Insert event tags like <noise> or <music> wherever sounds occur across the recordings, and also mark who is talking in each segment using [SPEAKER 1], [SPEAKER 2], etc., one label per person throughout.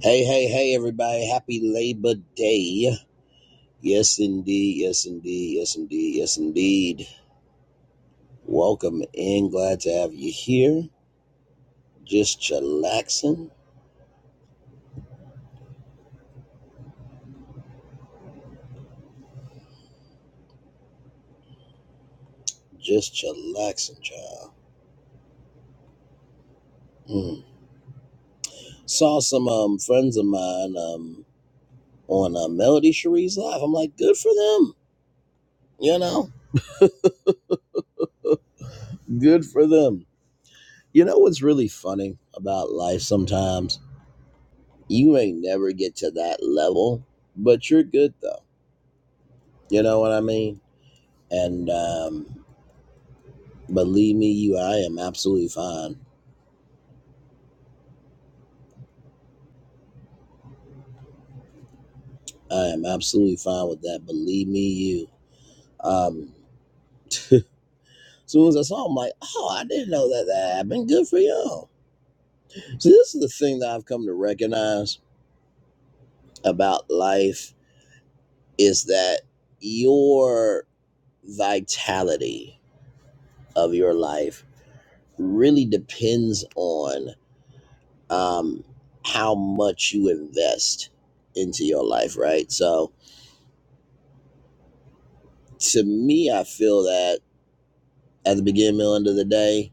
[SPEAKER 1] Hey, hey, hey, everybody. Happy Labor Day. Yes, indeed. Yes, indeed. Yes, indeed. Yes, indeed. Welcome in. Glad to have you here. Just chillaxing. Just chillaxing, child. Mm. Saw some um, friends of mine um, on uh, Melody Cherie's Live. I'm like, good for them. You know, good for them. You know what's really funny about life sometimes? You may never get to that level, but you're good, though. You know what I mean? And um, believe me, you, I am absolutely fine. I am absolutely fine with that. Believe me, you. Um, as soon as I saw him, I'm like, oh, I didn't know that that happened. Good for y'all. So this is the thing that I've come to recognize about life is that your vitality of your life really depends on um, how much you invest into your life, right? So to me, I feel that at the beginning, middle, end of the day.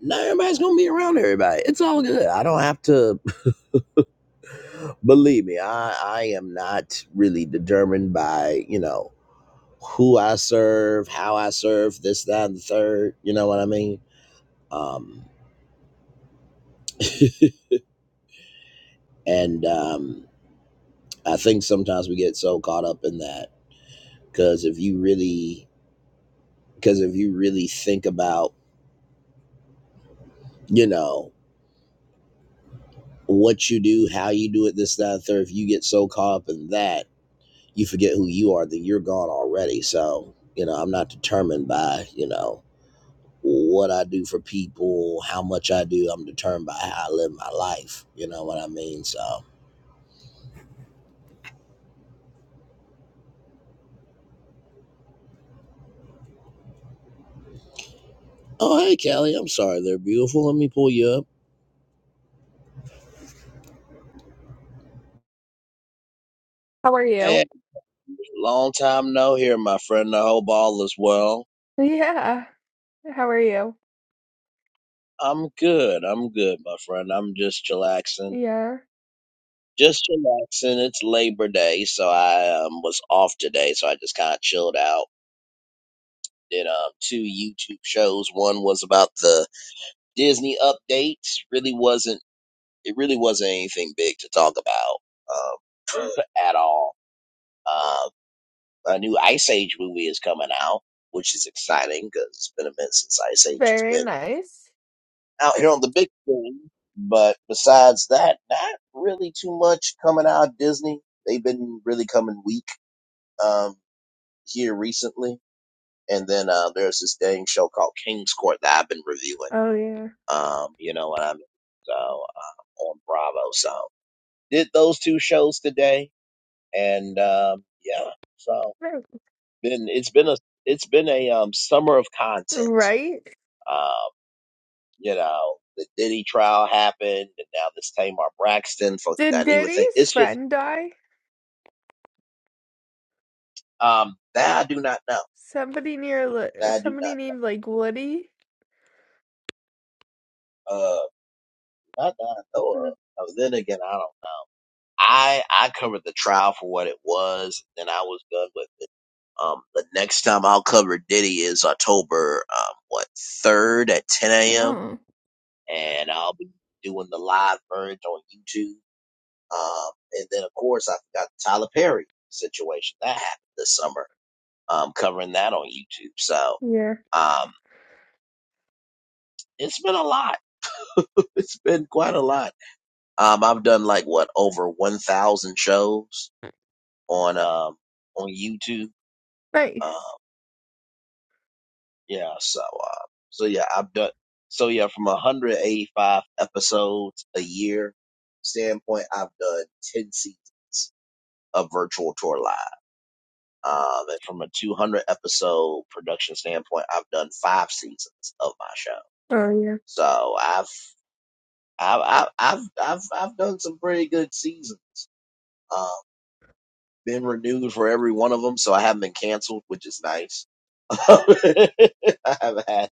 [SPEAKER 1] Not everybody's gonna be around everybody. It's all good. I don't have to <laughs> believe me. I I am not really determined by you know who I serve, how I serve, this, that, and the third. You know what I mean? Um, <laughs> and um, I think sometimes we get so caught up in that because if you really, because if you really think about, you know, what you do, how you do it, this, that, and the third, if you get so caught up in that you forget who you are, then you're gone already. So, you know, I'm not determined by, you know, what I do for people, how much I do. I'm determined by how I live my life. You know what I mean? So, oh, hey, Kelly, I'm sorry they're beautiful. Let me pull you up.
[SPEAKER 2] How are you?
[SPEAKER 1] Hey, long time no here, my friend. The whole ball as well.
[SPEAKER 2] Yeah. How are you?
[SPEAKER 1] I'm good. I'm good, my friend. I'm just chillaxing.
[SPEAKER 2] Yeah.
[SPEAKER 1] Just relaxing. It's Labor Day, so I um, was off today, so I just kind of chilled out did um, two YouTube shows. One was about the Disney updates. Really wasn't it really wasn't anything big to talk about um, <laughs> at all. Uh, a new Ice Age movie is coming out, which is exciting because it's been a minute since Ice Age has
[SPEAKER 2] Very
[SPEAKER 1] been
[SPEAKER 2] nice.
[SPEAKER 1] out here on the big screen. But besides that, not really too much coming out Disney. They've been really coming weak um, here recently. And then uh, there's this dang show called King's Court that I've been reviewing.
[SPEAKER 2] Oh, yeah.
[SPEAKER 1] Um, you know what I mean? So uh, on Bravo. So did those two shows today, and um, yeah. So
[SPEAKER 2] Very-
[SPEAKER 1] been it's been a it's been a um, summer of content.
[SPEAKER 2] Right?
[SPEAKER 1] Um, you know, the Diddy trial happened, and now this Tamar Braxton Funky
[SPEAKER 2] Did
[SPEAKER 1] Dineva thing.
[SPEAKER 2] Diddy's
[SPEAKER 1] It's just
[SPEAKER 2] friend die?
[SPEAKER 1] um, that I do not know.
[SPEAKER 2] Somebody near, Li-
[SPEAKER 1] That I do not
[SPEAKER 2] somebody named like Woody?
[SPEAKER 1] uh not that I know of.
[SPEAKER 2] Mhm.
[SPEAKER 1] Oh, then again, I don't know. I I covered the trial for what it was, and I was done with it. Um, the next time I'll cover Diddy is October, um, what, 3rd at 10 a.m.
[SPEAKER 2] Oh,
[SPEAKER 1] And I'll be doing the live version on YouTube. Um, and then of course I forgot the Tyler Perry situation that happened this summer. Um, covering that on YouTube. So,
[SPEAKER 2] Yeah.
[SPEAKER 1] um, it's been a lot. <laughs> it's been quite a lot. Um, I've done like what over 1,000 shows on, um, on YouTube. Um,
[SPEAKER 2] Nice.
[SPEAKER 1] Yeah, so uh, so yeah, I've done so yeah, from 185 episodes a year standpoint, I've done 10 seasons of Virtual Tour Live. Um, and from a 200 episode production standpoint, I've done five seasons of my show.
[SPEAKER 2] Oh, yeah.
[SPEAKER 1] So I've I've I've I've I've, I've done some pretty good seasons. Um, been renewed for every one of them, so I haven't been canceled, which is nice. <laughs> I haven't had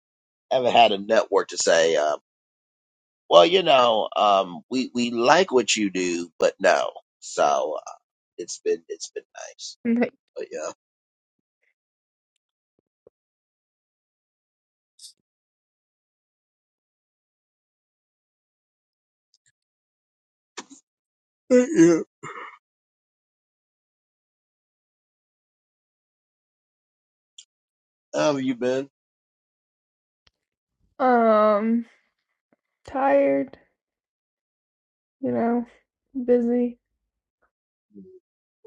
[SPEAKER 1] haven't had a network to say. uh, Well, you know, um, we we like what you do, but no. So uh, it's been it's been nice,
[SPEAKER 2] Nice.
[SPEAKER 1] but yeah, Thank you. How have you been?
[SPEAKER 2] Um, tired, you know, busy.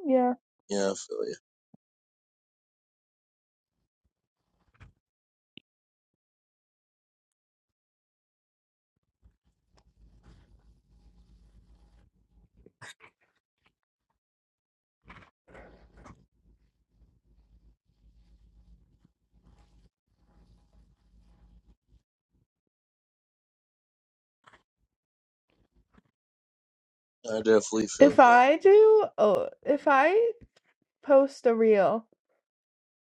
[SPEAKER 2] Yeah.
[SPEAKER 1] Yeah, I feel you. I definitely feel
[SPEAKER 2] If
[SPEAKER 1] you.
[SPEAKER 2] I do, oh, if I post a reel.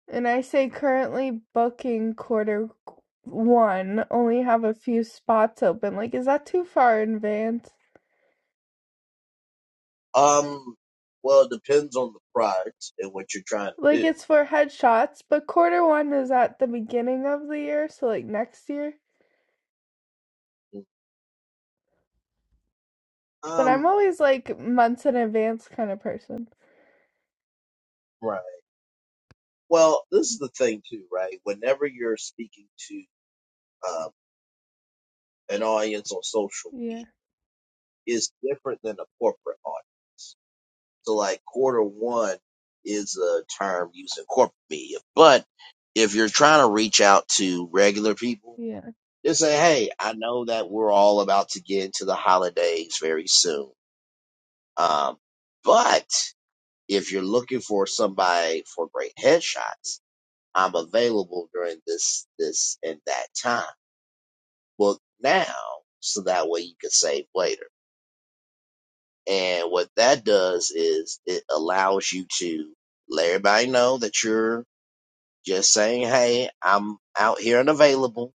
[SPEAKER 2] And I say currently booking quarter one, only have a few spots open. Like, is that too far in advance?
[SPEAKER 1] Um, well, it depends on the product and what you're trying
[SPEAKER 2] Like,
[SPEAKER 1] to
[SPEAKER 2] it's for headshots, but quarter one is at the beginning of the year, so like next year.
[SPEAKER 1] do.
[SPEAKER 2] But I'm
[SPEAKER 1] Um,
[SPEAKER 2] always like months in advance kind of person.
[SPEAKER 1] right. Well, this is the thing too, right? Whenever you're speaking to um, an audience on social
[SPEAKER 2] Yeah,
[SPEAKER 1] media, is different than a corporate audience. So like quarter one is a term used in corporate media. But if you're trying to reach out to regular people,
[SPEAKER 2] yeah.
[SPEAKER 1] just say, hey, I know that we're all about to get into the holidays very soon. Um, but if you're looking for somebody for great headshots, I'm available during this, this and that time. Book now so that way you can save later. And what that does is it allows you to let everybody know that you're Just saying, hey, I'm out here and available,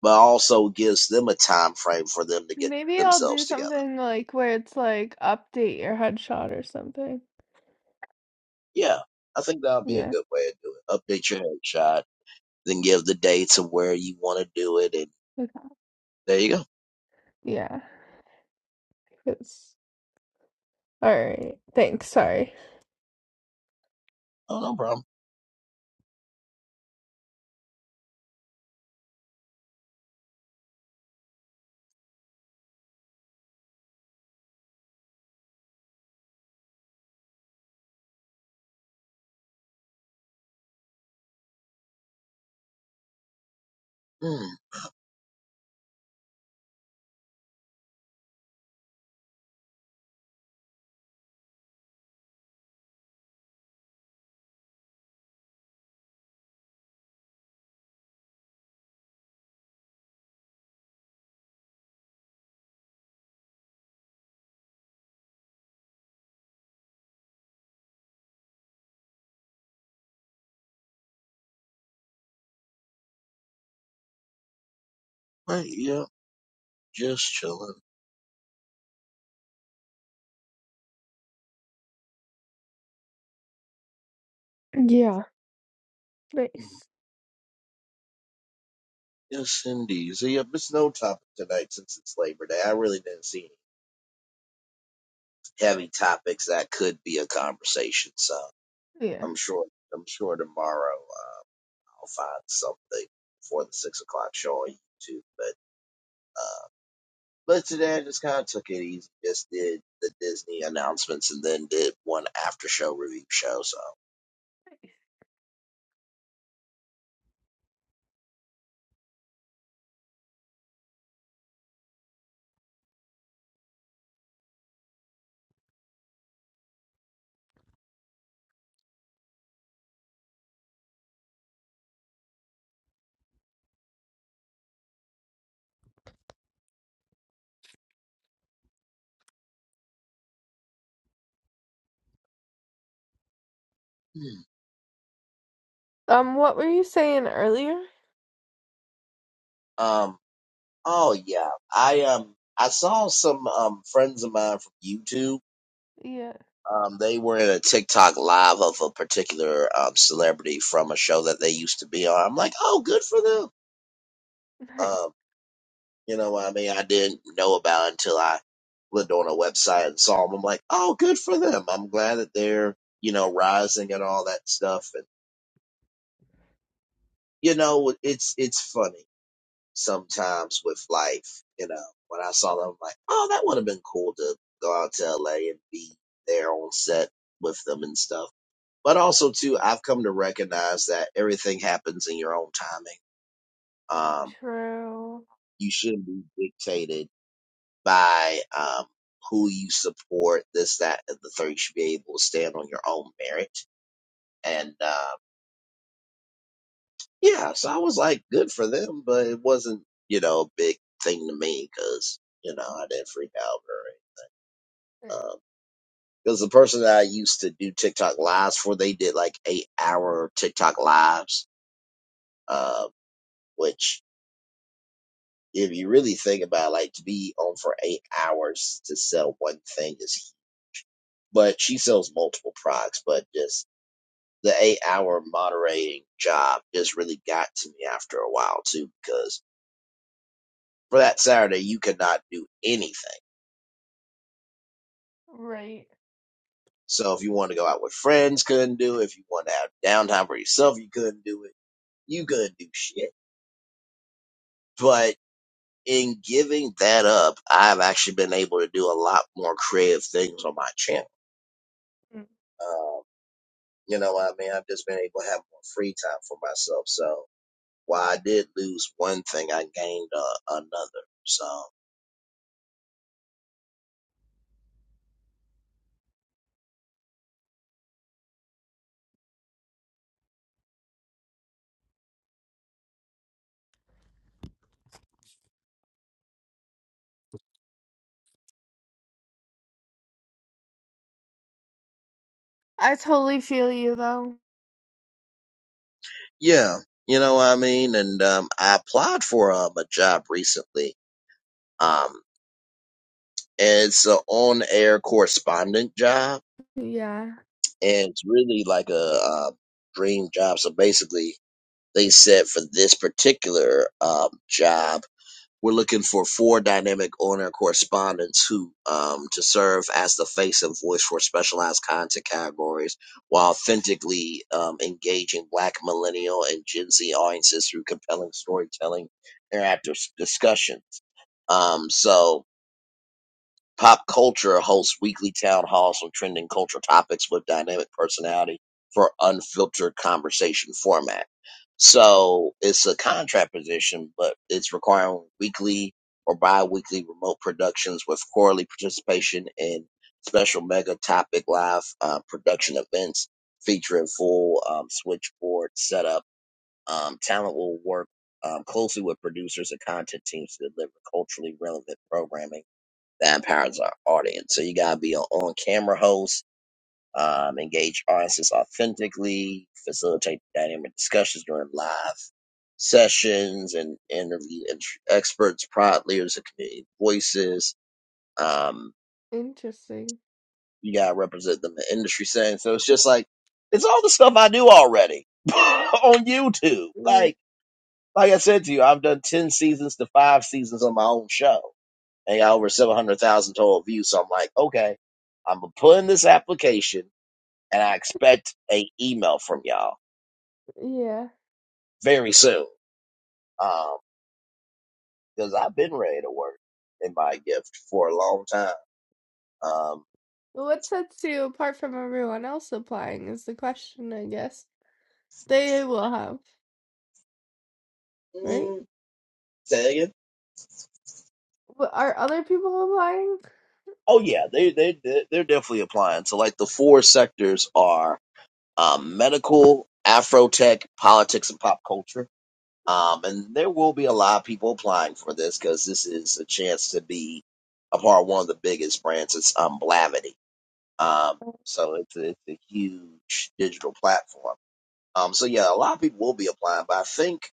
[SPEAKER 1] but also gives them a time frame for them to get
[SPEAKER 2] Maybe I'll do
[SPEAKER 1] themselves together.
[SPEAKER 2] something like where it's like update your headshot or something.
[SPEAKER 1] Yeah, I think that'll be a
[SPEAKER 2] Yeah,
[SPEAKER 1] good way to do it. Update your headshot, then give the dates of where you want to do it, and
[SPEAKER 2] okay.
[SPEAKER 1] there you go.
[SPEAKER 2] yeah. It's all right. Thanks. Sorry.
[SPEAKER 1] Oh, no problem. Mm, right, yeah, just chilling.
[SPEAKER 2] Yeah.
[SPEAKER 1] Mm,
[SPEAKER 2] Nice.
[SPEAKER 1] yes, indeed. So, yep, it's no topic tonight since it's Labor Day. I really didn't see any heavy topics that could be a conversation. So
[SPEAKER 2] Yeah.
[SPEAKER 1] I'm sure I'm sure tomorrow. uh, I'll find something for the six o'clock show on YouTube. But uh, but today I just kind of took it easy. Just did the Disney announcements and then did one after show review show. So Hmm.
[SPEAKER 2] Um, what were you saying earlier?
[SPEAKER 1] um oh yeah I um I saw some um friends of mine from YouTube.
[SPEAKER 2] Yeah,
[SPEAKER 1] Um, they were in a TikTok live of a particular um, celebrity from a show that they used to be on. I'm like, oh, good for them.
[SPEAKER 2] nice.
[SPEAKER 1] Um, You know what I mean? I didn't know about until I looked on a website and saw them. I'm like, oh, good for them. I'm glad that they're, you know, rising and all that stuff. And, you know, it's, it's funny sometimes with life, you know, when I saw them, I'm like, oh, that would have been cool to go out to LA and be there on set with them and stuff. But also too, I've come to recognize that everything happens in your own timing. Um,
[SPEAKER 2] True.
[SPEAKER 1] you shouldn't be dictated by um, who you support, this, that, and the third. You should be able to stand on your own merit. And uh, yeah, so I was like, good for them, but it wasn't, you know, a big thing to me because, you know, I didn't freak out or
[SPEAKER 2] Yeah,
[SPEAKER 1] because the person that I used to do TikTok lives for, they did like eight hour TikTok lives, uh, which if you really think about it, like to be on for eight hours to sell one thing is but she sells multiple products, but just the eight hour moderating job just really got to me after a while too, because for that Saturday you could not do anything.
[SPEAKER 2] Right.
[SPEAKER 1] So if you wanted to go out with friends, couldn't do it. If you wanted to have downtime for yourself, you couldn't do it. You couldn't do shit. But in giving that up, I've actually been able to do a lot more creative things on my channel.
[SPEAKER 2] Mm.
[SPEAKER 1] Um, you know what I mean? I've just been able to have more free time for myself. So while I did lose one thing, I gained uh, another. So
[SPEAKER 2] I totally feel you though.
[SPEAKER 1] Yeah, you know what I mean? And um, I applied for um, a job recently. Um, and it's an on air correspondent job,
[SPEAKER 2] Yeah.
[SPEAKER 1] and it's really like a, uh dream job. So basically, they said for this particular um, job, We're looking for four dynamic owner correspondents who um, to serve as the face and voice for specialized content categories while authentically um, engaging Black, Millennial, and Gen Z audiences through compelling storytelling, interactive s- discussions. Um, so Pop Culture hosts weekly town halls on trending cultural topics with dynamic personality for unfiltered conversation format. So it's a contract position, but it's requiring weekly or bi-weekly remote productions with quarterly participation in special mega topic live uh, production events featuring full um, switchboard setup. Um, talent will work um, closely with producers and content teams to deliver culturally relevant programming that empowers our audience. So you gotta be an on-camera host, um, engage audiences authentically, facilitate dynamic discussions during live sessions, and interview int- experts, product leaders, and community voices. Um,
[SPEAKER 2] Interesting.
[SPEAKER 1] you gotta represent them in industry settings. So it's just like it's all the stuff I do already <laughs> on YouTube.
[SPEAKER 2] Yeah.
[SPEAKER 1] Like, like I said to you, I've done ten seasons to five seasons on my own show. and got over 700,000 total views. So I'm like, okay, I'm going to put in this application and I expect a email from y'all
[SPEAKER 2] yeah.
[SPEAKER 1] very soon. Um, cause I've been ready to work in my gift for a long time. Um,
[SPEAKER 2] Well, What sets you apart from everyone else applying is the question, I guess. They will have, right?
[SPEAKER 1] mm, say that again.
[SPEAKER 2] But are other people applying?
[SPEAKER 1] Oh yeah, they, they, they- are definitely applying. So like the four sectors are, um, medical, Afrotech, politics, and pop culture Um, and there will be a lot of people applying for this because this is a chance to be a part of one of the biggest brands. It's um, Blavity. Um, so it's a, it's a huge digital platform. Um, so yeah, a lot of people will be applying, but I think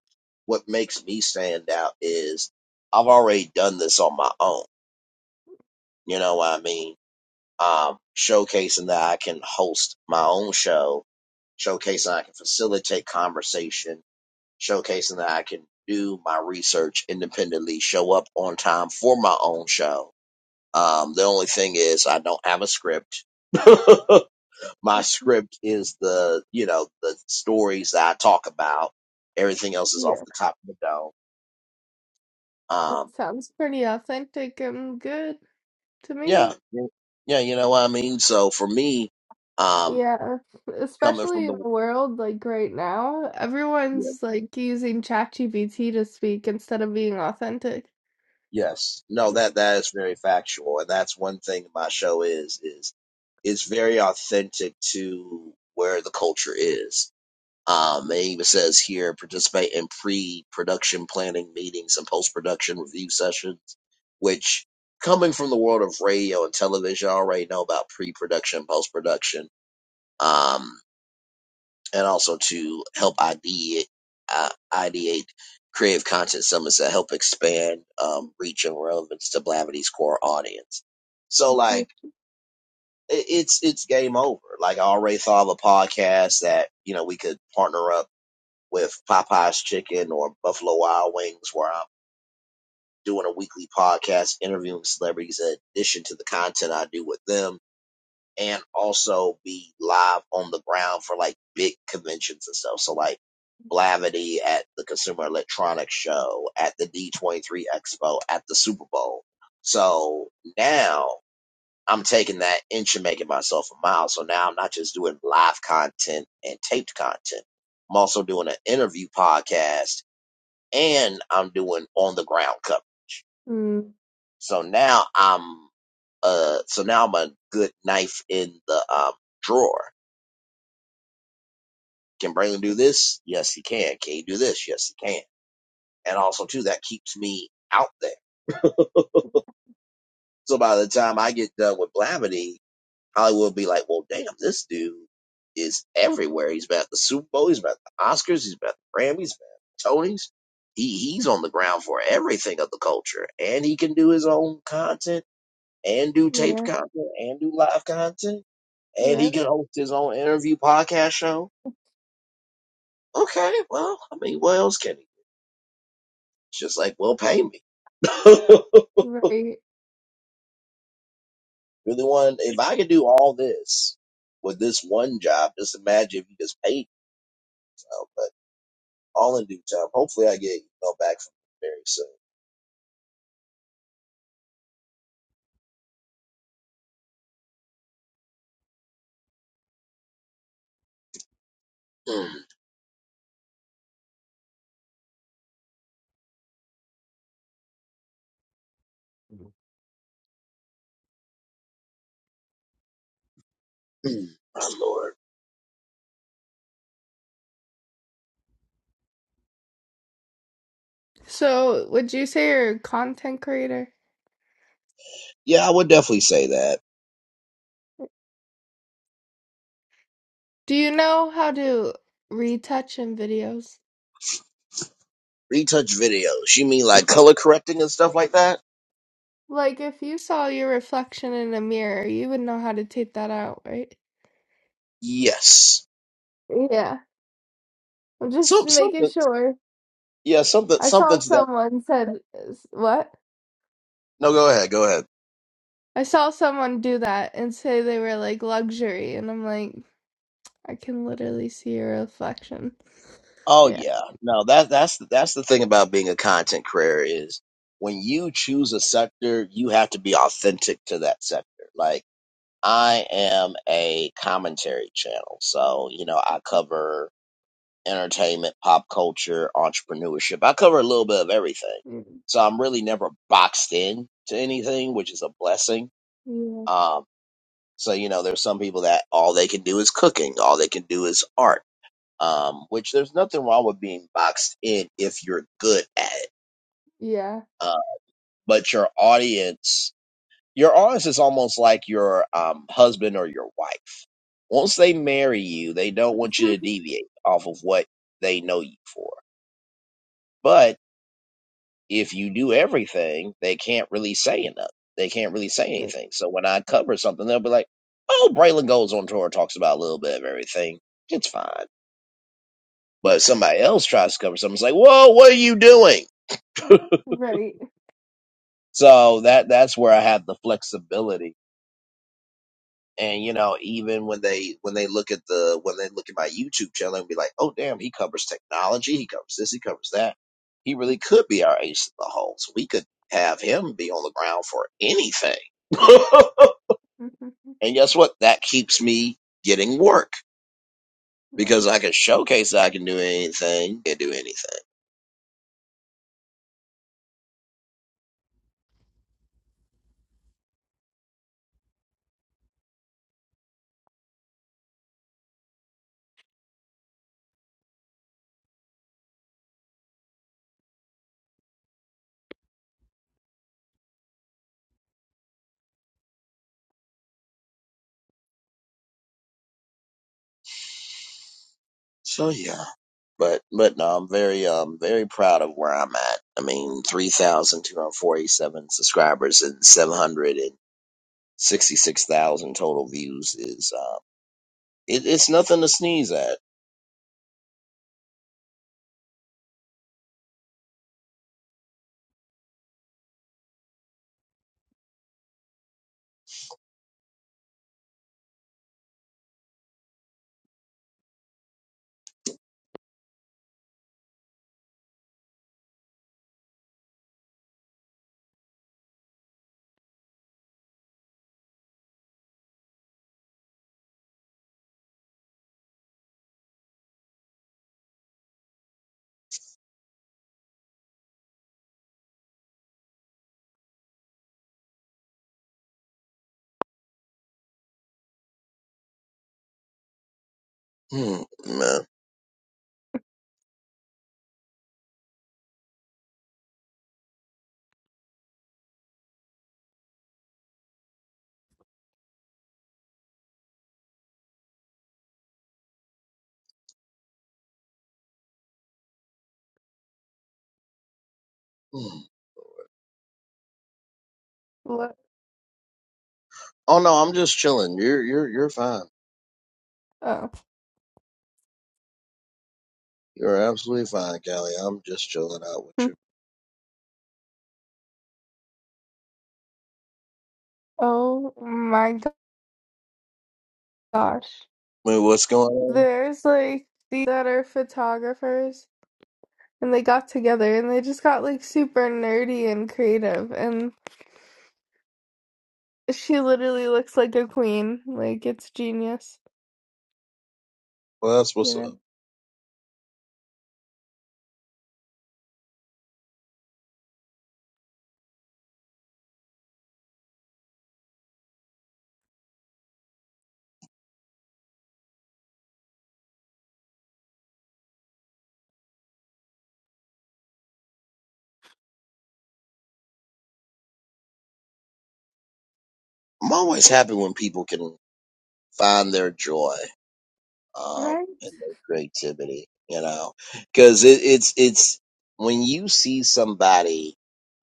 [SPEAKER 1] what makes me stand out is I've already done this on my own. You know what I mean? Um, showcasing that I can host my own show, showcasing I can facilitate conversation showcasing that I can do my research independently, show up on time for my own show. Um, the only thing is I don't have a script. <laughs> my script is the, you know, the stories that I talk about. Everything else is off
[SPEAKER 2] Yeah.
[SPEAKER 1] the top of the dome.
[SPEAKER 2] It
[SPEAKER 1] Um,
[SPEAKER 2] sounds pretty authentic and good to me.
[SPEAKER 1] yeah. Yeah. yeah, You know what I mean? So for me, um,
[SPEAKER 2] Yeah,
[SPEAKER 1] coming from
[SPEAKER 2] especially in the
[SPEAKER 1] the,
[SPEAKER 2] world like right now, everyone's like using ChatGPT to speak instead of being authentic.
[SPEAKER 1] Yes. No, that that is very factual, and that's one thing my show is is is very authentic to where the culture is. Um, it even says here participate in pre-production planning meetings and post-production review sessions, which coming from the world of radio and television, I already know about pre-production, post-production. Um, and also to help ideate, uh, ideate creative content summits that help expand um,
[SPEAKER 2] <laughs>
[SPEAKER 1] reach and relevance to Blavity's core audience. So
[SPEAKER 2] Which is-
[SPEAKER 1] like it, it's it's game over. Like I already thought of a podcast that you know we could partner up with Popeye's Chicken or Buffalo Wild Wings, where I'm doing a weekly podcast interviewing celebrities in addition to the content I do with them and also be live on the ground for like big conventions and stuff. So like Blavity at the Consumer Electronics Show, at the D23 Expo, at the Super Bowl. So now I'm taking that inch and making myself a mile. So now I'm not just doing live content and taped content. I'm also doing an interview podcast and I'm doing on the ground coverage.
[SPEAKER 2] Mm,
[SPEAKER 1] So now I'm uh so now I'm a good knife in the um drawer Can Braylon do this? Yes, he can. Can he do this? Yes, he can. And also, too, that keeps me out there. So by the time I get done with Blavity, Hollywood will be like, well, damn, this dude is everywhere. He's been at the Super Bowl. He's been at the Oscars. He's been at the Grammys. He's been at the Tonys. He, he's on the ground for everything of the culture. And he can do his own content and do taped
[SPEAKER 2] yeah,
[SPEAKER 1] content and do live content. And he
[SPEAKER 2] right,
[SPEAKER 1] can host his own interview podcast show. Okay, well, I mean, what else can he? It's just like, well, pay me. <laughs>
[SPEAKER 2] right.
[SPEAKER 1] really want if I could do all this with this one job, just imagine if you just paid me. So, but all in due time. Hopefully, I get you know back from them very soon. Mm. <clears throat> My lord.
[SPEAKER 2] So, would you say you're a content creator?
[SPEAKER 1] Yeah, I would definitely say that.
[SPEAKER 2] Do you know how to retouch in videos?
[SPEAKER 1] Retouch videos. You mean like color correcting and stuff like that?
[SPEAKER 2] Like, if you saw your reflection in a mirror, you would know how to take that out, right?
[SPEAKER 1] Yes.
[SPEAKER 2] Yeah, I'm just
[SPEAKER 1] Some
[SPEAKER 2] making
[SPEAKER 1] something.
[SPEAKER 2] sure.
[SPEAKER 1] Yeah, something
[SPEAKER 2] I saw
[SPEAKER 1] something to that.
[SPEAKER 2] someone said, s- "What?"
[SPEAKER 1] No, go ahead. Go ahead.
[SPEAKER 2] I saw someone do that and say they were like luxury, and I'm like, I can literally see your reflection.
[SPEAKER 1] Oh
[SPEAKER 2] Yeah.
[SPEAKER 1] yeah, no that that's that's the thing about being a content creator is when you choose a sector, you have to be authentic to that sector. Like I am a commentary channel, so you know I cover entertainment, pop culture, entrepreneurship. I cover a little bit of everything,
[SPEAKER 2] Mm,
[SPEAKER 1] so I'm really never boxed in to anything, which is a blessing. Um, so you know, there's some people that all they can do is cooking, all they can do is art um, which there's nothing wrong with being boxed in if you're good at it.
[SPEAKER 2] Yeah. Yeah.
[SPEAKER 1] Uh, but your audience, your audience is almost like your um, husband or your wife. Once they marry you, they don't want you
[SPEAKER 2] <laughs>
[SPEAKER 1] to deviate off of what they know you for. But if you do everything, they can't really say enough. They can't really say
[SPEAKER 2] R-
[SPEAKER 1] anything. So when I cover something, they'll be like, "Oh, Braylon goes on tour and talks about a little bit of everything. It's fine." But if somebody else tries to cover something, it's like, "Whoa, what are you doing?" <laughs>
[SPEAKER 2] Right.
[SPEAKER 1] So that that's where I have the flexibility. And you know, even when they when they look at the when they look at my YouTube channel and be like, oh damn, he covers technology, he covers this, he covers that. He really
[SPEAKER 2] <laughs>
[SPEAKER 1] could be our ace in the hole. So we could have him be on the ground for anything. <laughs> and guess what? That keeps me getting work
[SPEAKER 2] Nice.
[SPEAKER 1] because I can showcase that I can do anything and do anything. So yeah, but but no, I'm very um very proud of where I'm at. I mean, three thousand two hundred forty-seven subscribers and seven hundred and sixty-six thousand total views is uh, it, it's nothing to sneeze at. Hmm, man. Hmm.
[SPEAKER 2] What?
[SPEAKER 1] Oh no, I'm just chilling. You're you're you're fine.
[SPEAKER 2] Oh.
[SPEAKER 1] You're absolutely fine, Callie. I'm just chilling out with you.
[SPEAKER 2] <laughs> Oh my gosh.
[SPEAKER 1] Wait, what's going on?
[SPEAKER 2] There's like these that are photographers and they got together and they just got like super nerdy and creative and she literally looks like a queen. Like it's genius,
[SPEAKER 1] Well, that's
[SPEAKER 2] you
[SPEAKER 1] what's
[SPEAKER 2] know.
[SPEAKER 1] up. I'm always happy when people can find their joy. um,
[SPEAKER 2] Right?
[SPEAKER 1] and their creativity, you know, because it, it's it's when you see somebody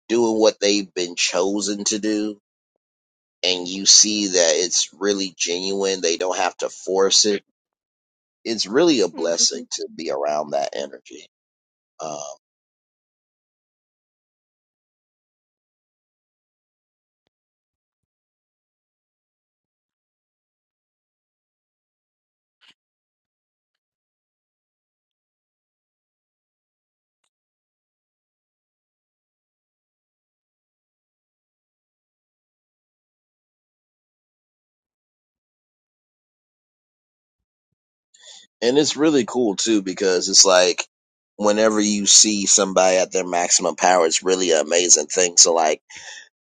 [SPEAKER 1] doing what they've been chosen to do, and you see that it's really genuine, they don't have to force it. It's really a blessing
[SPEAKER 2] Mhm.
[SPEAKER 1] to be around that energy, um, and it's really cool too because it's like whenever you see somebody at their maximum power, it's really an amazing thing. So like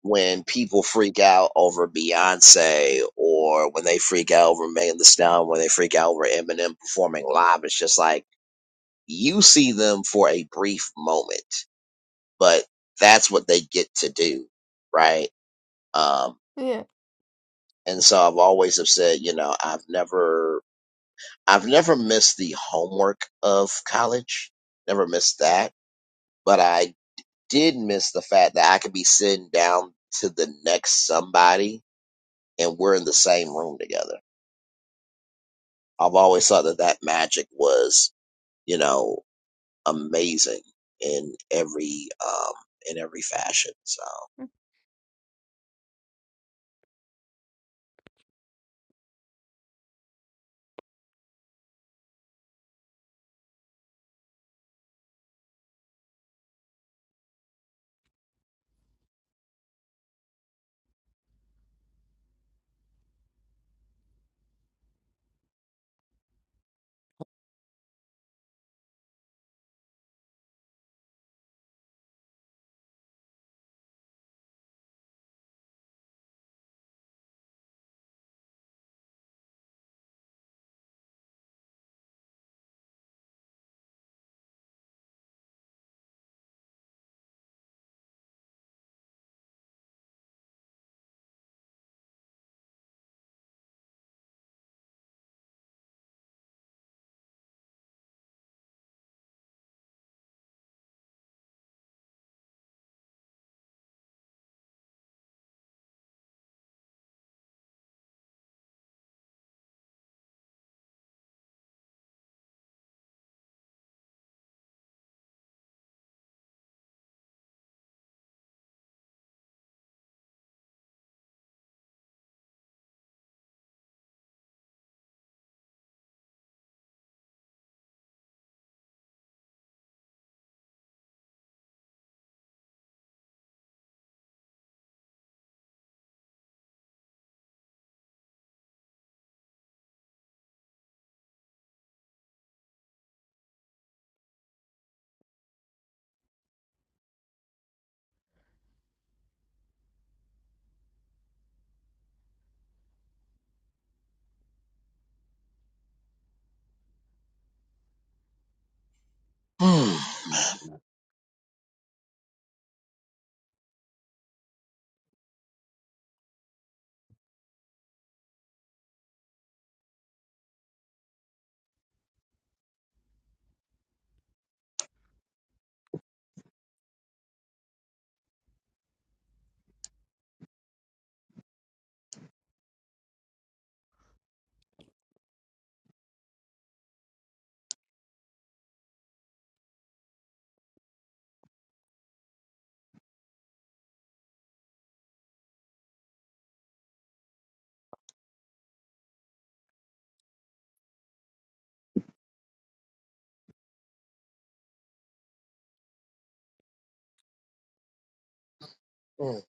[SPEAKER 1] when people freak out over Beyonce or when they freak out over Megan Thee Stallion, when they freak out over Eminem performing live, it's just like you see them for a brief moment, but that's what they get to do, right? Um,
[SPEAKER 2] Yeah,
[SPEAKER 1] and so I've always have said, you know, I've never, I've never missed the homework of college, never missed that, but I did miss the fact that I could be sitting down to the next somebody and we're in the same room together I've always thought that that magic was, you know, amazing in every um in every fashion. So. Mm, mm,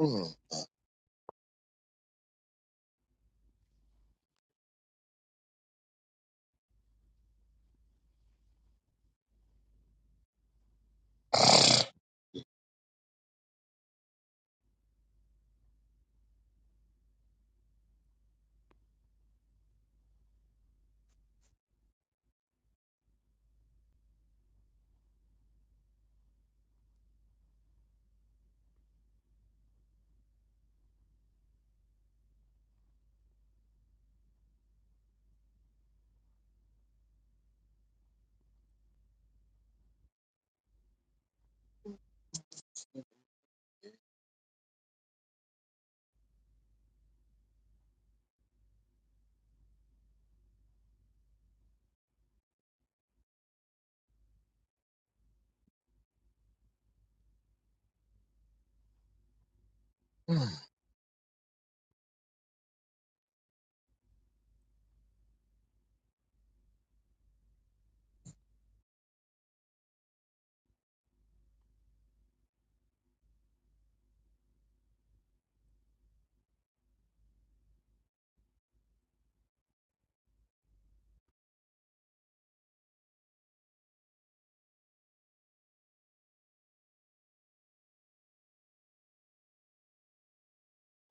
[SPEAKER 1] mm. mm.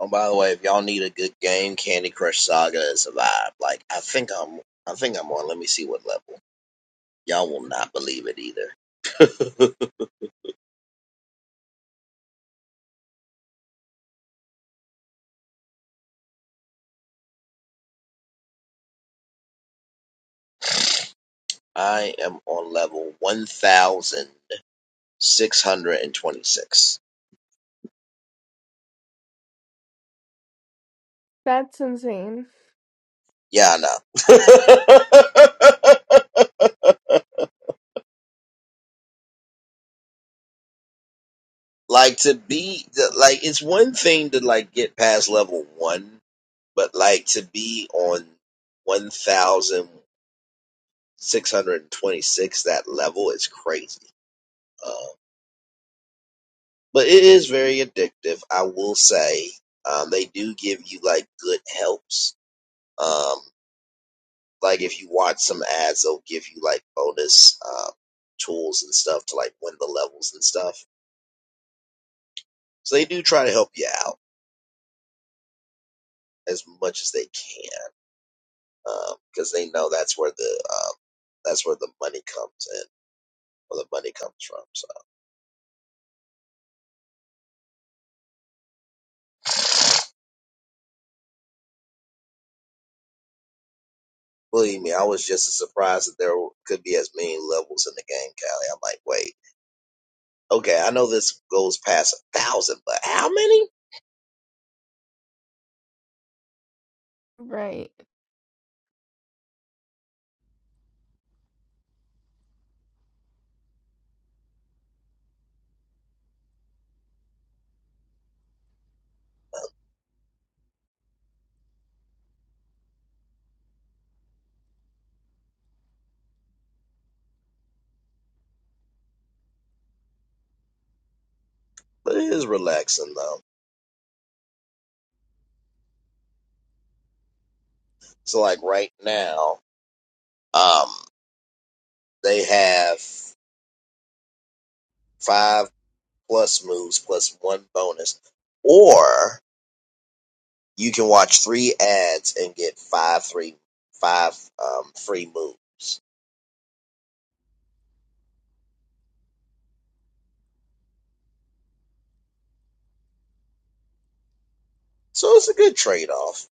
[SPEAKER 1] oh, by the way, if y'all need a good game, Candy Crush Saga is a vibe. Like, I think I'm, I think I'm on. Let me see what level. Y'all will not believe it either. <laughs> I am on level one thousand six hundred and twenty-six.
[SPEAKER 2] that's insane.
[SPEAKER 1] Yeah, I know. <laughs> like to be like it's one thing to like get past level one but like to be on 1626 that level is crazy um, but it is very addictive i will say um, they do give you like good helps um, like if you watch some ads they'll give you like bonus um, tools and stuff to like win the levels and stuff so they do try to help you out as much as they can because they know that's where the um, that's where the money comes in, where the money comes from. So believe me, I was just as surprised that there could be as many levels in the game, Callie. I'm like, wait, okay, I know this goes past a thousand, but how many?
[SPEAKER 2] Right.
[SPEAKER 1] But it is relaxing though. So like right now, um, they have five plus moves plus one bonus, or you can watch three ads and get five three five um free moves. So it's a good trade off.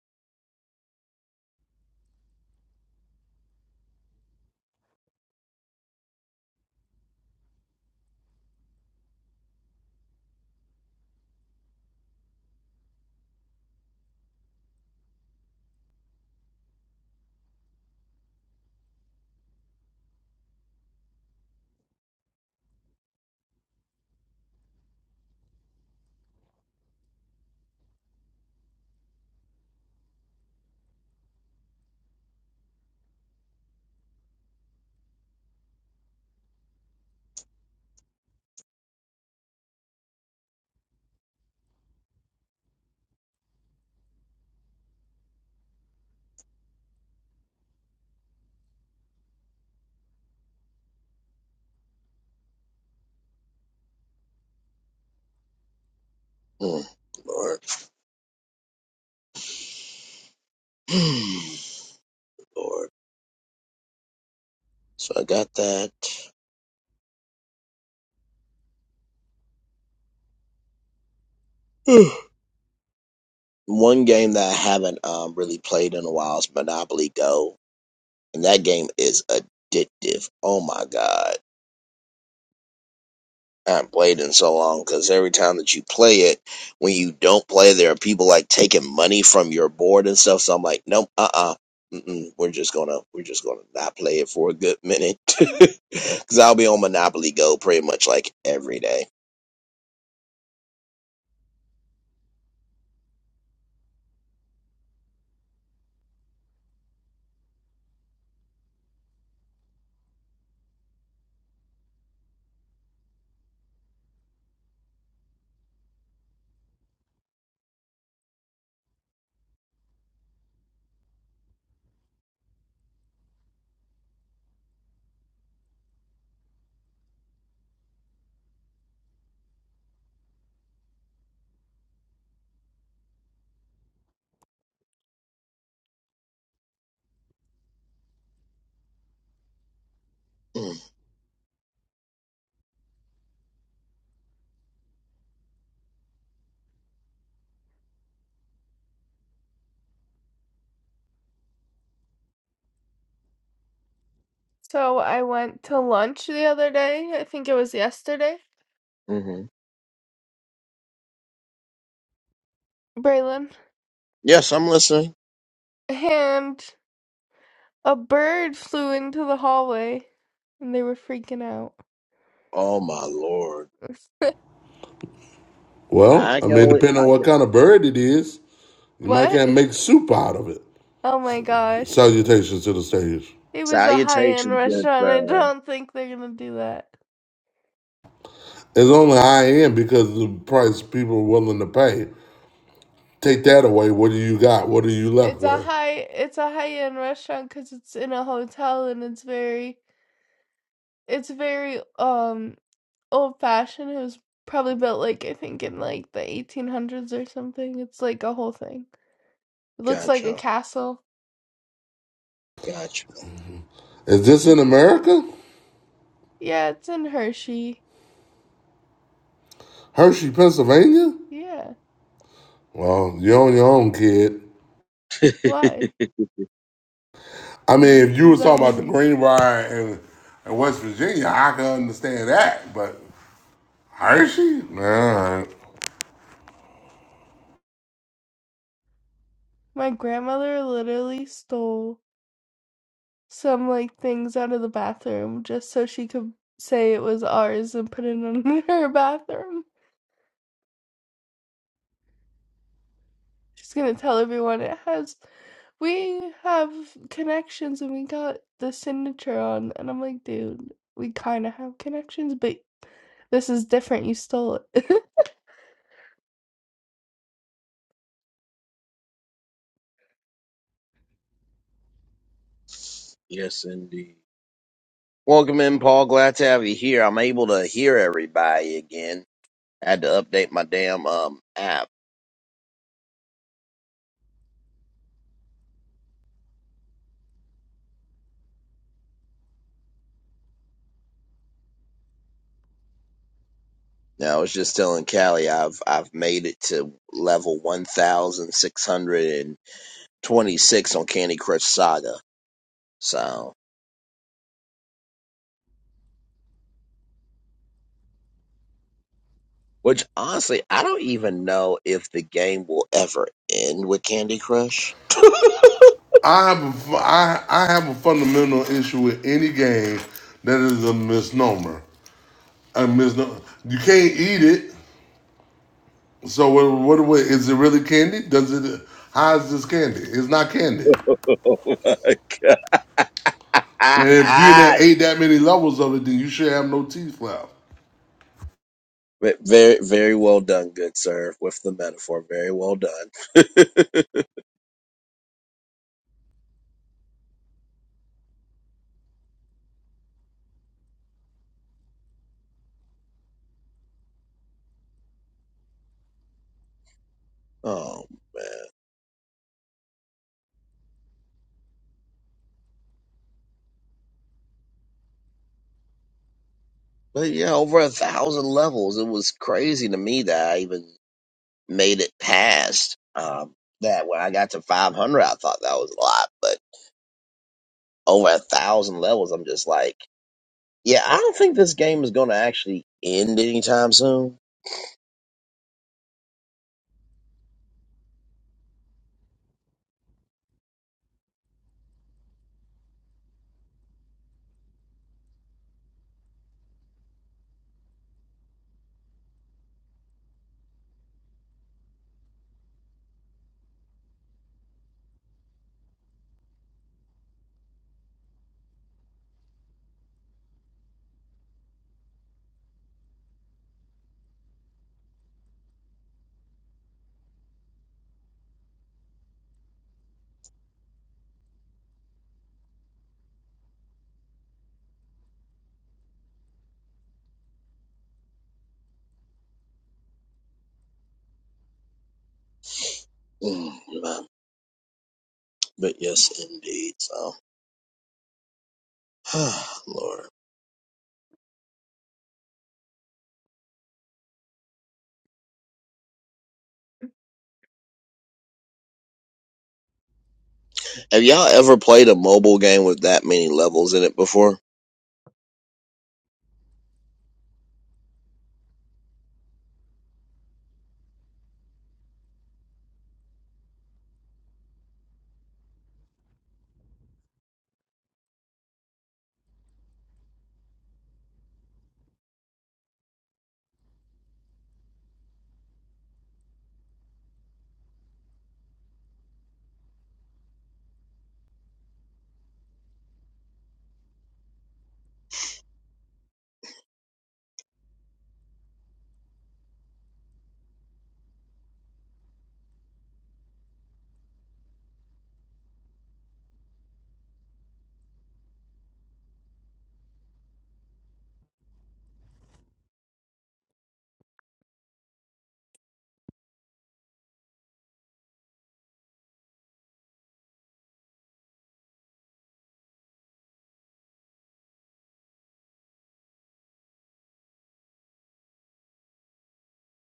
[SPEAKER 1] Lord. Mm, Lord. So I got that. <sighs> One game that I haven't um, really played in a while is Monopoly Go. And that game is addictive. Oh my God. I haven't played in so long because every time that you play it, when you don't play, there are people like taking money from your board and stuff. So I'm like, nope, uh uh-uh. uh. We're just gonna we're just gonna not play it for a good minute <laughs> because I'll be on Monopoly Go pretty much like every day.
[SPEAKER 2] So I went to lunch the other day. I think it was yesterday,
[SPEAKER 1] Mm-hmm.
[SPEAKER 2] Braylon,
[SPEAKER 1] Yes, I'm listening.
[SPEAKER 2] and a bird flew into the hallway, and they were freaking out.
[SPEAKER 1] Oh my lord.
[SPEAKER 2] <laughs>
[SPEAKER 3] Well,
[SPEAKER 1] I
[SPEAKER 3] I
[SPEAKER 1] can
[SPEAKER 3] mean,
[SPEAKER 1] only
[SPEAKER 3] depending
[SPEAKER 1] I
[SPEAKER 3] on what
[SPEAKER 1] can
[SPEAKER 3] kind of bird it is, you might
[SPEAKER 2] What?
[SPEAKER 3] can't make soup out of it.
[SPEAKER 2] Oh my gosh.
[SPEAKER 3] Salutations to the stage.
[SPEAKER 2] It was a high-end
[SPEAKER 1] salutations, good
[SPEAKER 2] restaurant. I
[SPEAKER 1] sir.
[SPEAKER 2] don't think they're gonna do that.
[SPEAKER 3] It's only high end because of the price people are willing to pay. Take that away. What do you got? What are you left
[SPEAKER 2] It's a
[SPEAKER 3] with?
[SPEAKER 2] high it's a high-end restaurant 'cause it's in a hotel and it's very it's very um old fashioned. It was probably built like I think in like the 1800s or something. It's like a whole thing. It looks like a
[SPEAKER 1] Gotcha.
[SPEAKER 2] castle.
[SPEAKER 1] Gotcha.
[SPEAKER 3] Is this
[SPEAKER 2] Yeah.
[SPEAKER 3] in America?
[SPEAKER 2] Yeah, it's in Hershey.
[SPEAKER 3] Hershey, Pennsylvania?
[SPEAKER 2] Yeah.
[SPEAKER 3] Well, you're on your own, kid.
[SPEAKER 1] <laughs>
[SPEAKER 2] Why?
[SPEAKER 3] I mean, if you
[SPEAKER 2] What does
[SPEAKER 3] was
[SPEAKER 2] that
[SPEAKER 3] talking about the
[SPEAKER 2] mean?
[SPEAKER 3] Greenbrier and, and West Virginia, I can understand that. But Hershey? Nah.
[SPEAKER 2] My grandmother literally stole some like things out of the bathroom just so she could say it was ours and put it in <laughs> her bathroom. She's gonna tell everyone it has we have connections and we got the signature on and I'm like, dude, we kinda have connections, but this is different. You stole it. <laughs>
[SPEAKER 1] Yes indeed. Welcome in, Paul. Glad to have you here. I'm able to hear everybody again. I had to update my damn um app. Now I was just telling Callie I've I've made it to level one thousand six hundred and twenty six on Candy Crush Saga. So Which honestly, I don't even know if the game will ever end with Candy Crush. <laughs> oh
[SPEAKER 3] I have a I I have a fundamental issue with any game that is a misnomer. A misnomer. You can't eat it. So what, what? What is it really candy? Does it? How is this candy? It's not candy.
[SPEAKER 1] my
[SPEAKER 3] And if you
[SPEAKER 1] god!
[SPEAKER 3] done
[SPEAKER 1] <laughs>
[SPEAKER 3] ate that many levels of it, then you should have no teeth left.
[SPEAKER 1] Ve- Very, very well done, good sir, with the metaphor. Very well done. <laughs> oh man! But yeah, over a thousand levels. It was crazy to me that I even made it past um, that. When I got to five hundred, I thought that was a lot, but over a thousand levels, I'm just like. Yeah, I don't think this game is going to actually end anytime soon. Mm, uh, But yes, indeed. So, <sighs> Lord, have y'all ever played a mobile game with that many levels in it before?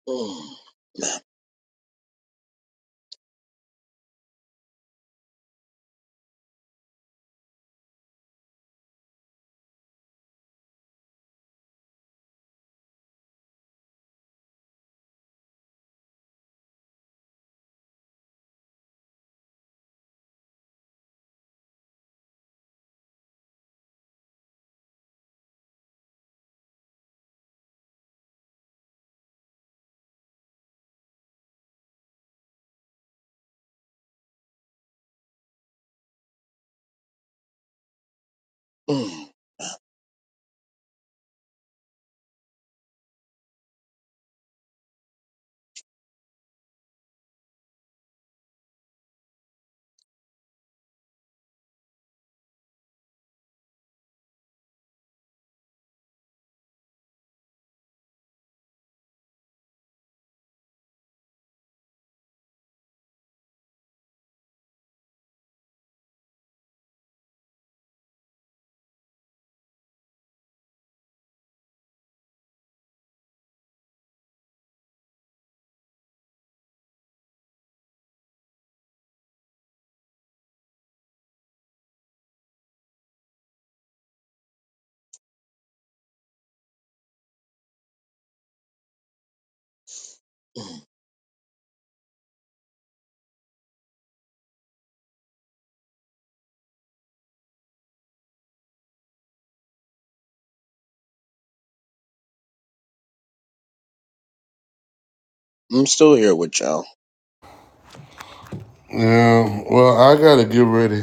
[SPEAKER 1] Mm, mm, mm. I'm still here with y'all.
[SPEAKER 3] Yeah. Well, I gotta get ready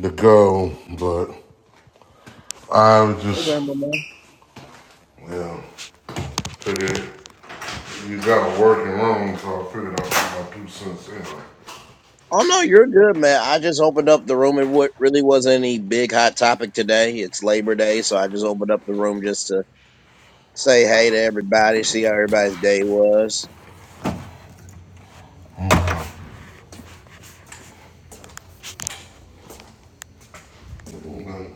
[SPEAKER 3] to go, but I
[SPEAKER 1] Okay,
[SPEAKER 3] just
[SPEAKER 1] my man.
[SPEAKER 3] yeah. Figured you got a working room, so I figured I'd put my two cents in.
[SPEAKER 1] Oh no, you're good, man. I just opened up the room. It wa- really wasn't any big hot topic today. It's Labor Day, so I just opened up the room just to say hey to everybody, see how everybody's day was.
[SPEAKER 3] Okay.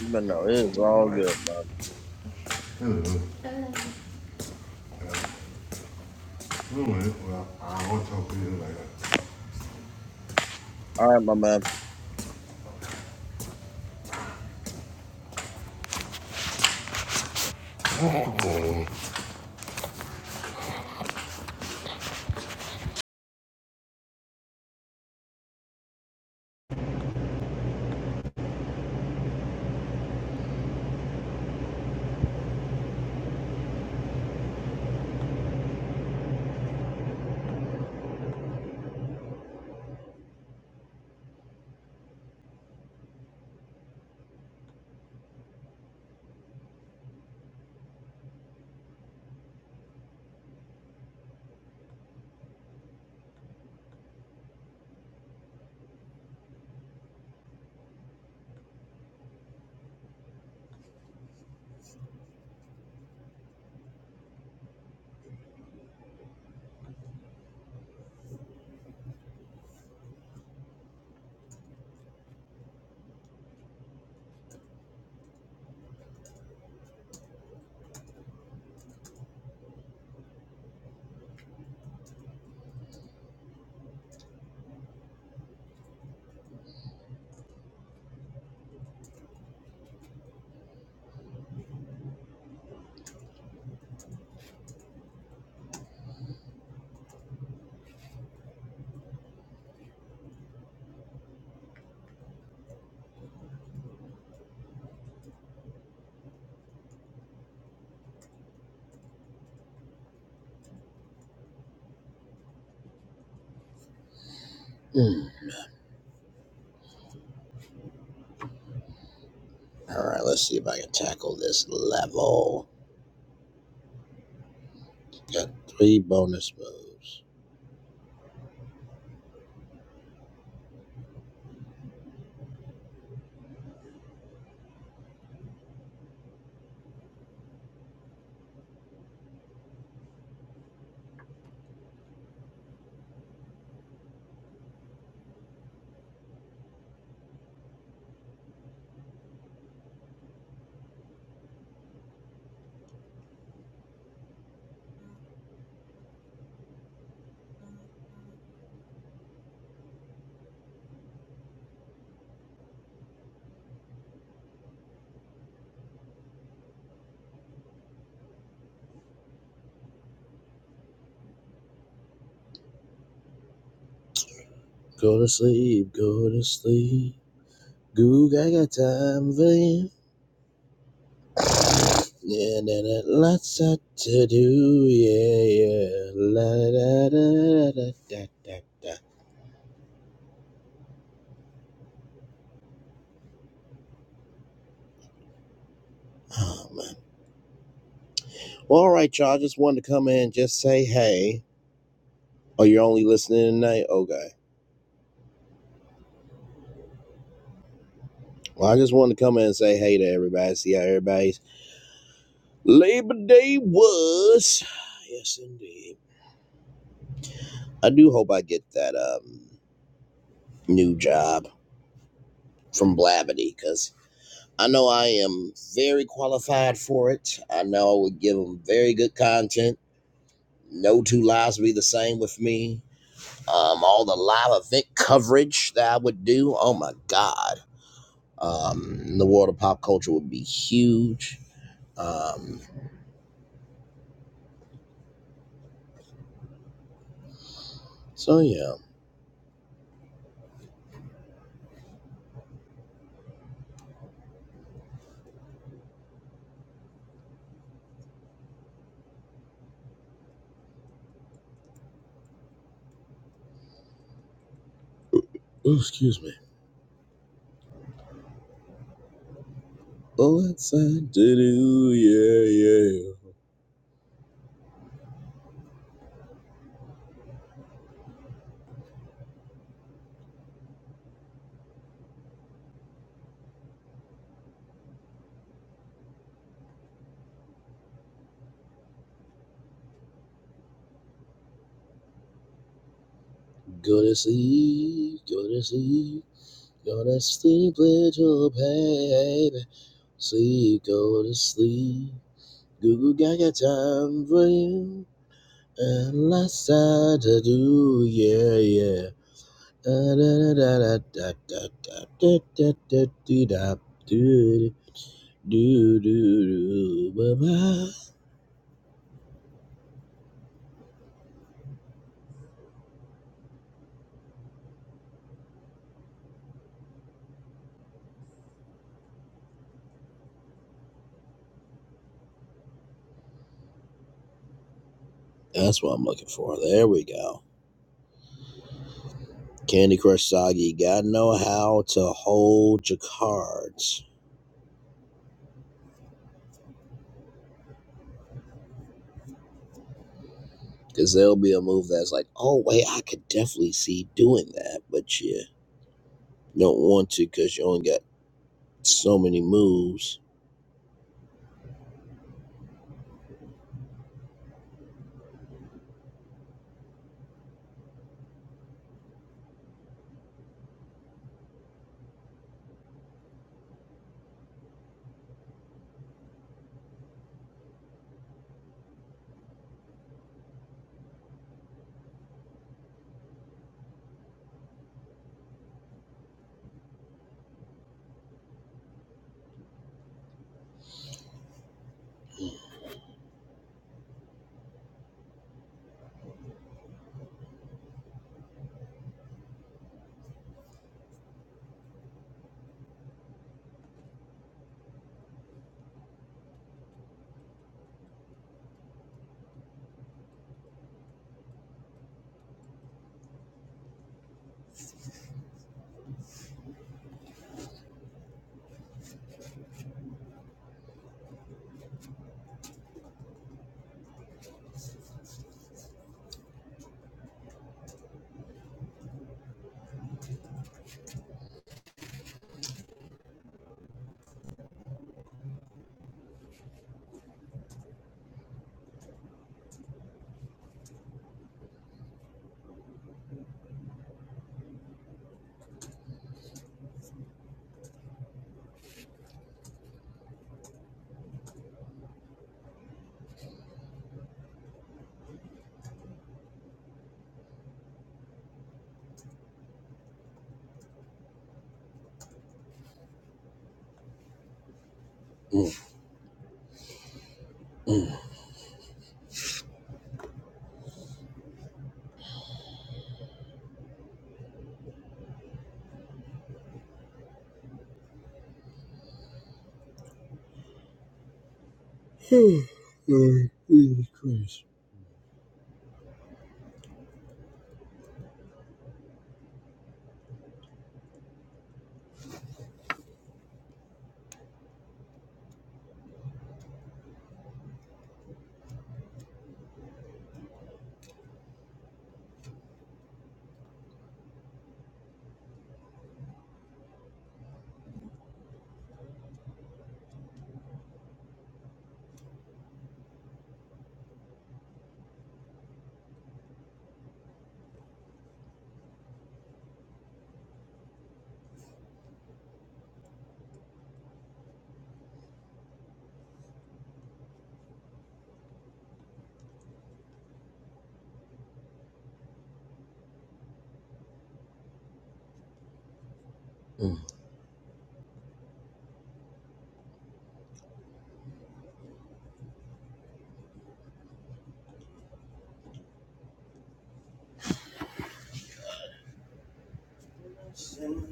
[SPEAKER 1] But no, it is
[SPEAKER 3] I'm
[SPEAKER 1] all
[SPEAKER 3] like,
[SPEAKER 1] good, man.
[SPEAKER 3] anyway, anyway, well, I want to
[SPEAKER 1] All right, my
[SPEAKER 3] talk to you
[SPEAKER 1] man. All right, let's see if I can tackle this level. Got three bonus moves. Go to sleep, go to sleep. Goog, I got time for you. Yeah, da, da, lots out to do. Yeah, yeah. La, da, da, da, da, da, da, da. Oh, man. Well, all right, y'all. I just wanted to come in and just say hey. Oh, you're only listening tonight? Okay. Well, I just wanted to come in and say hey to everybody, see how everybody's Labor Day was. <sighs> Yes, indeed. I do hope I get that um, new job from Blavity because I know I am very qualified for it. I know I would give them very good content. No two lives would be the same with me. Um, all the live event coverage that I would do, oh my God. Um, the world of pop culture would be huge. Um, so, yeah. Oh, excuse me. Oh, that's a do, yeah, yeah. Go to sleep, go to sleep. Gonna sleep, little baby. Sleep, go to sleep. Goo goo gaga time for you. And last time to do, yeah, yeah. Da da da da da da da da da da dee da do do do do ba ba. That's what I'm looking for. There we go. Candy Crush Soggy, gotta know how to hold your cards. Because there'll be a move that's like, oh, wait, I could definitely see doing that, but you don't want to because you only got so many moves. Mm, mm. <sighs> Jesus Christ. Mm.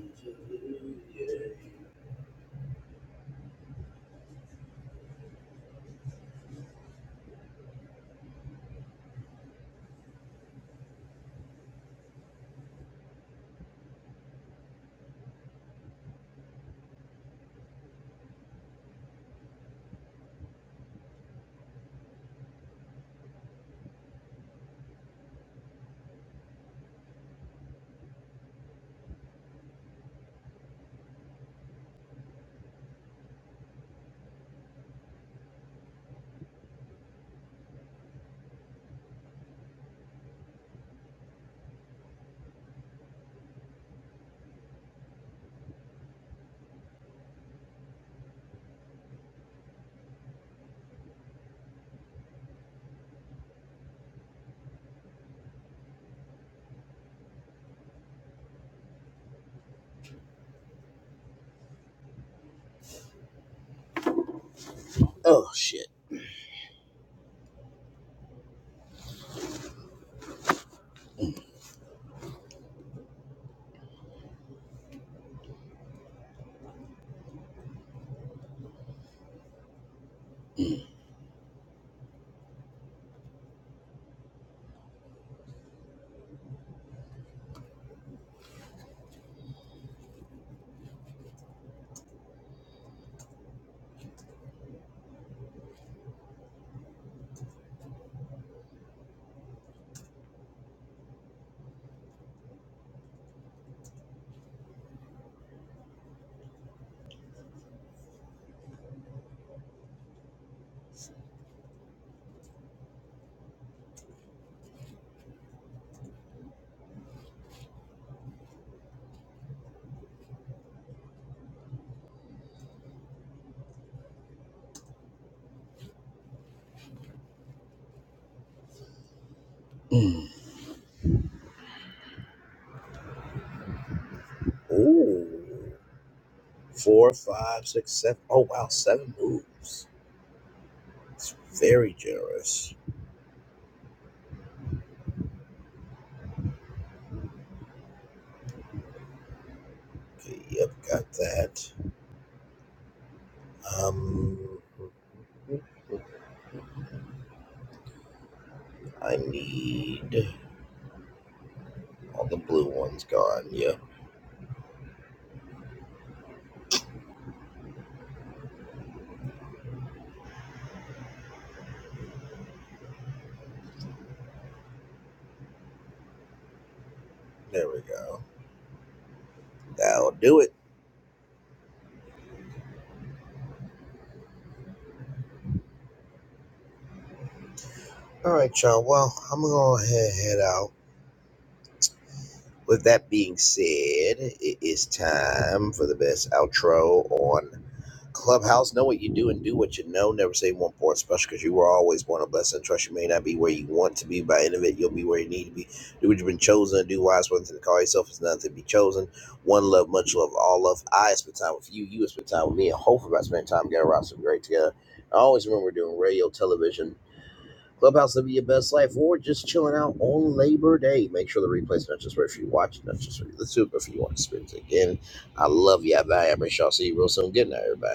[SPEAKER 1] Oh, shit. Ooh. Four, five, six, seven. Oh, wow, seven moves. It's very generous. Okay, yep, got that. Um, I need all the blue ones gone. Yep, there we go. That'll do it. All right, y'all. Well, I'm gonna go ahead and head out. With that being said, it is time for the best outro on Clubhouse. Know what you do and do what you know. Never say one part special because you were always born a blessing. Trust you may not be where you want to be, but in of it, you'll be where you need to be. Do what you've been chosen. to Do wise one thing to call yourself is nothing to be chosen. One love, much love, all love. I spend time with you. You spend time with me, and hopefully, I spend time getting around some great together. I always remember doing radio, television Clubhouse living your best life or just chilling out on Labor Day. Make sure the replay's not just right for you watching, not just for you listening, but for you on experience again. I love you. Bye. I'm Rich. I'll see you real soon. Good night, everybody.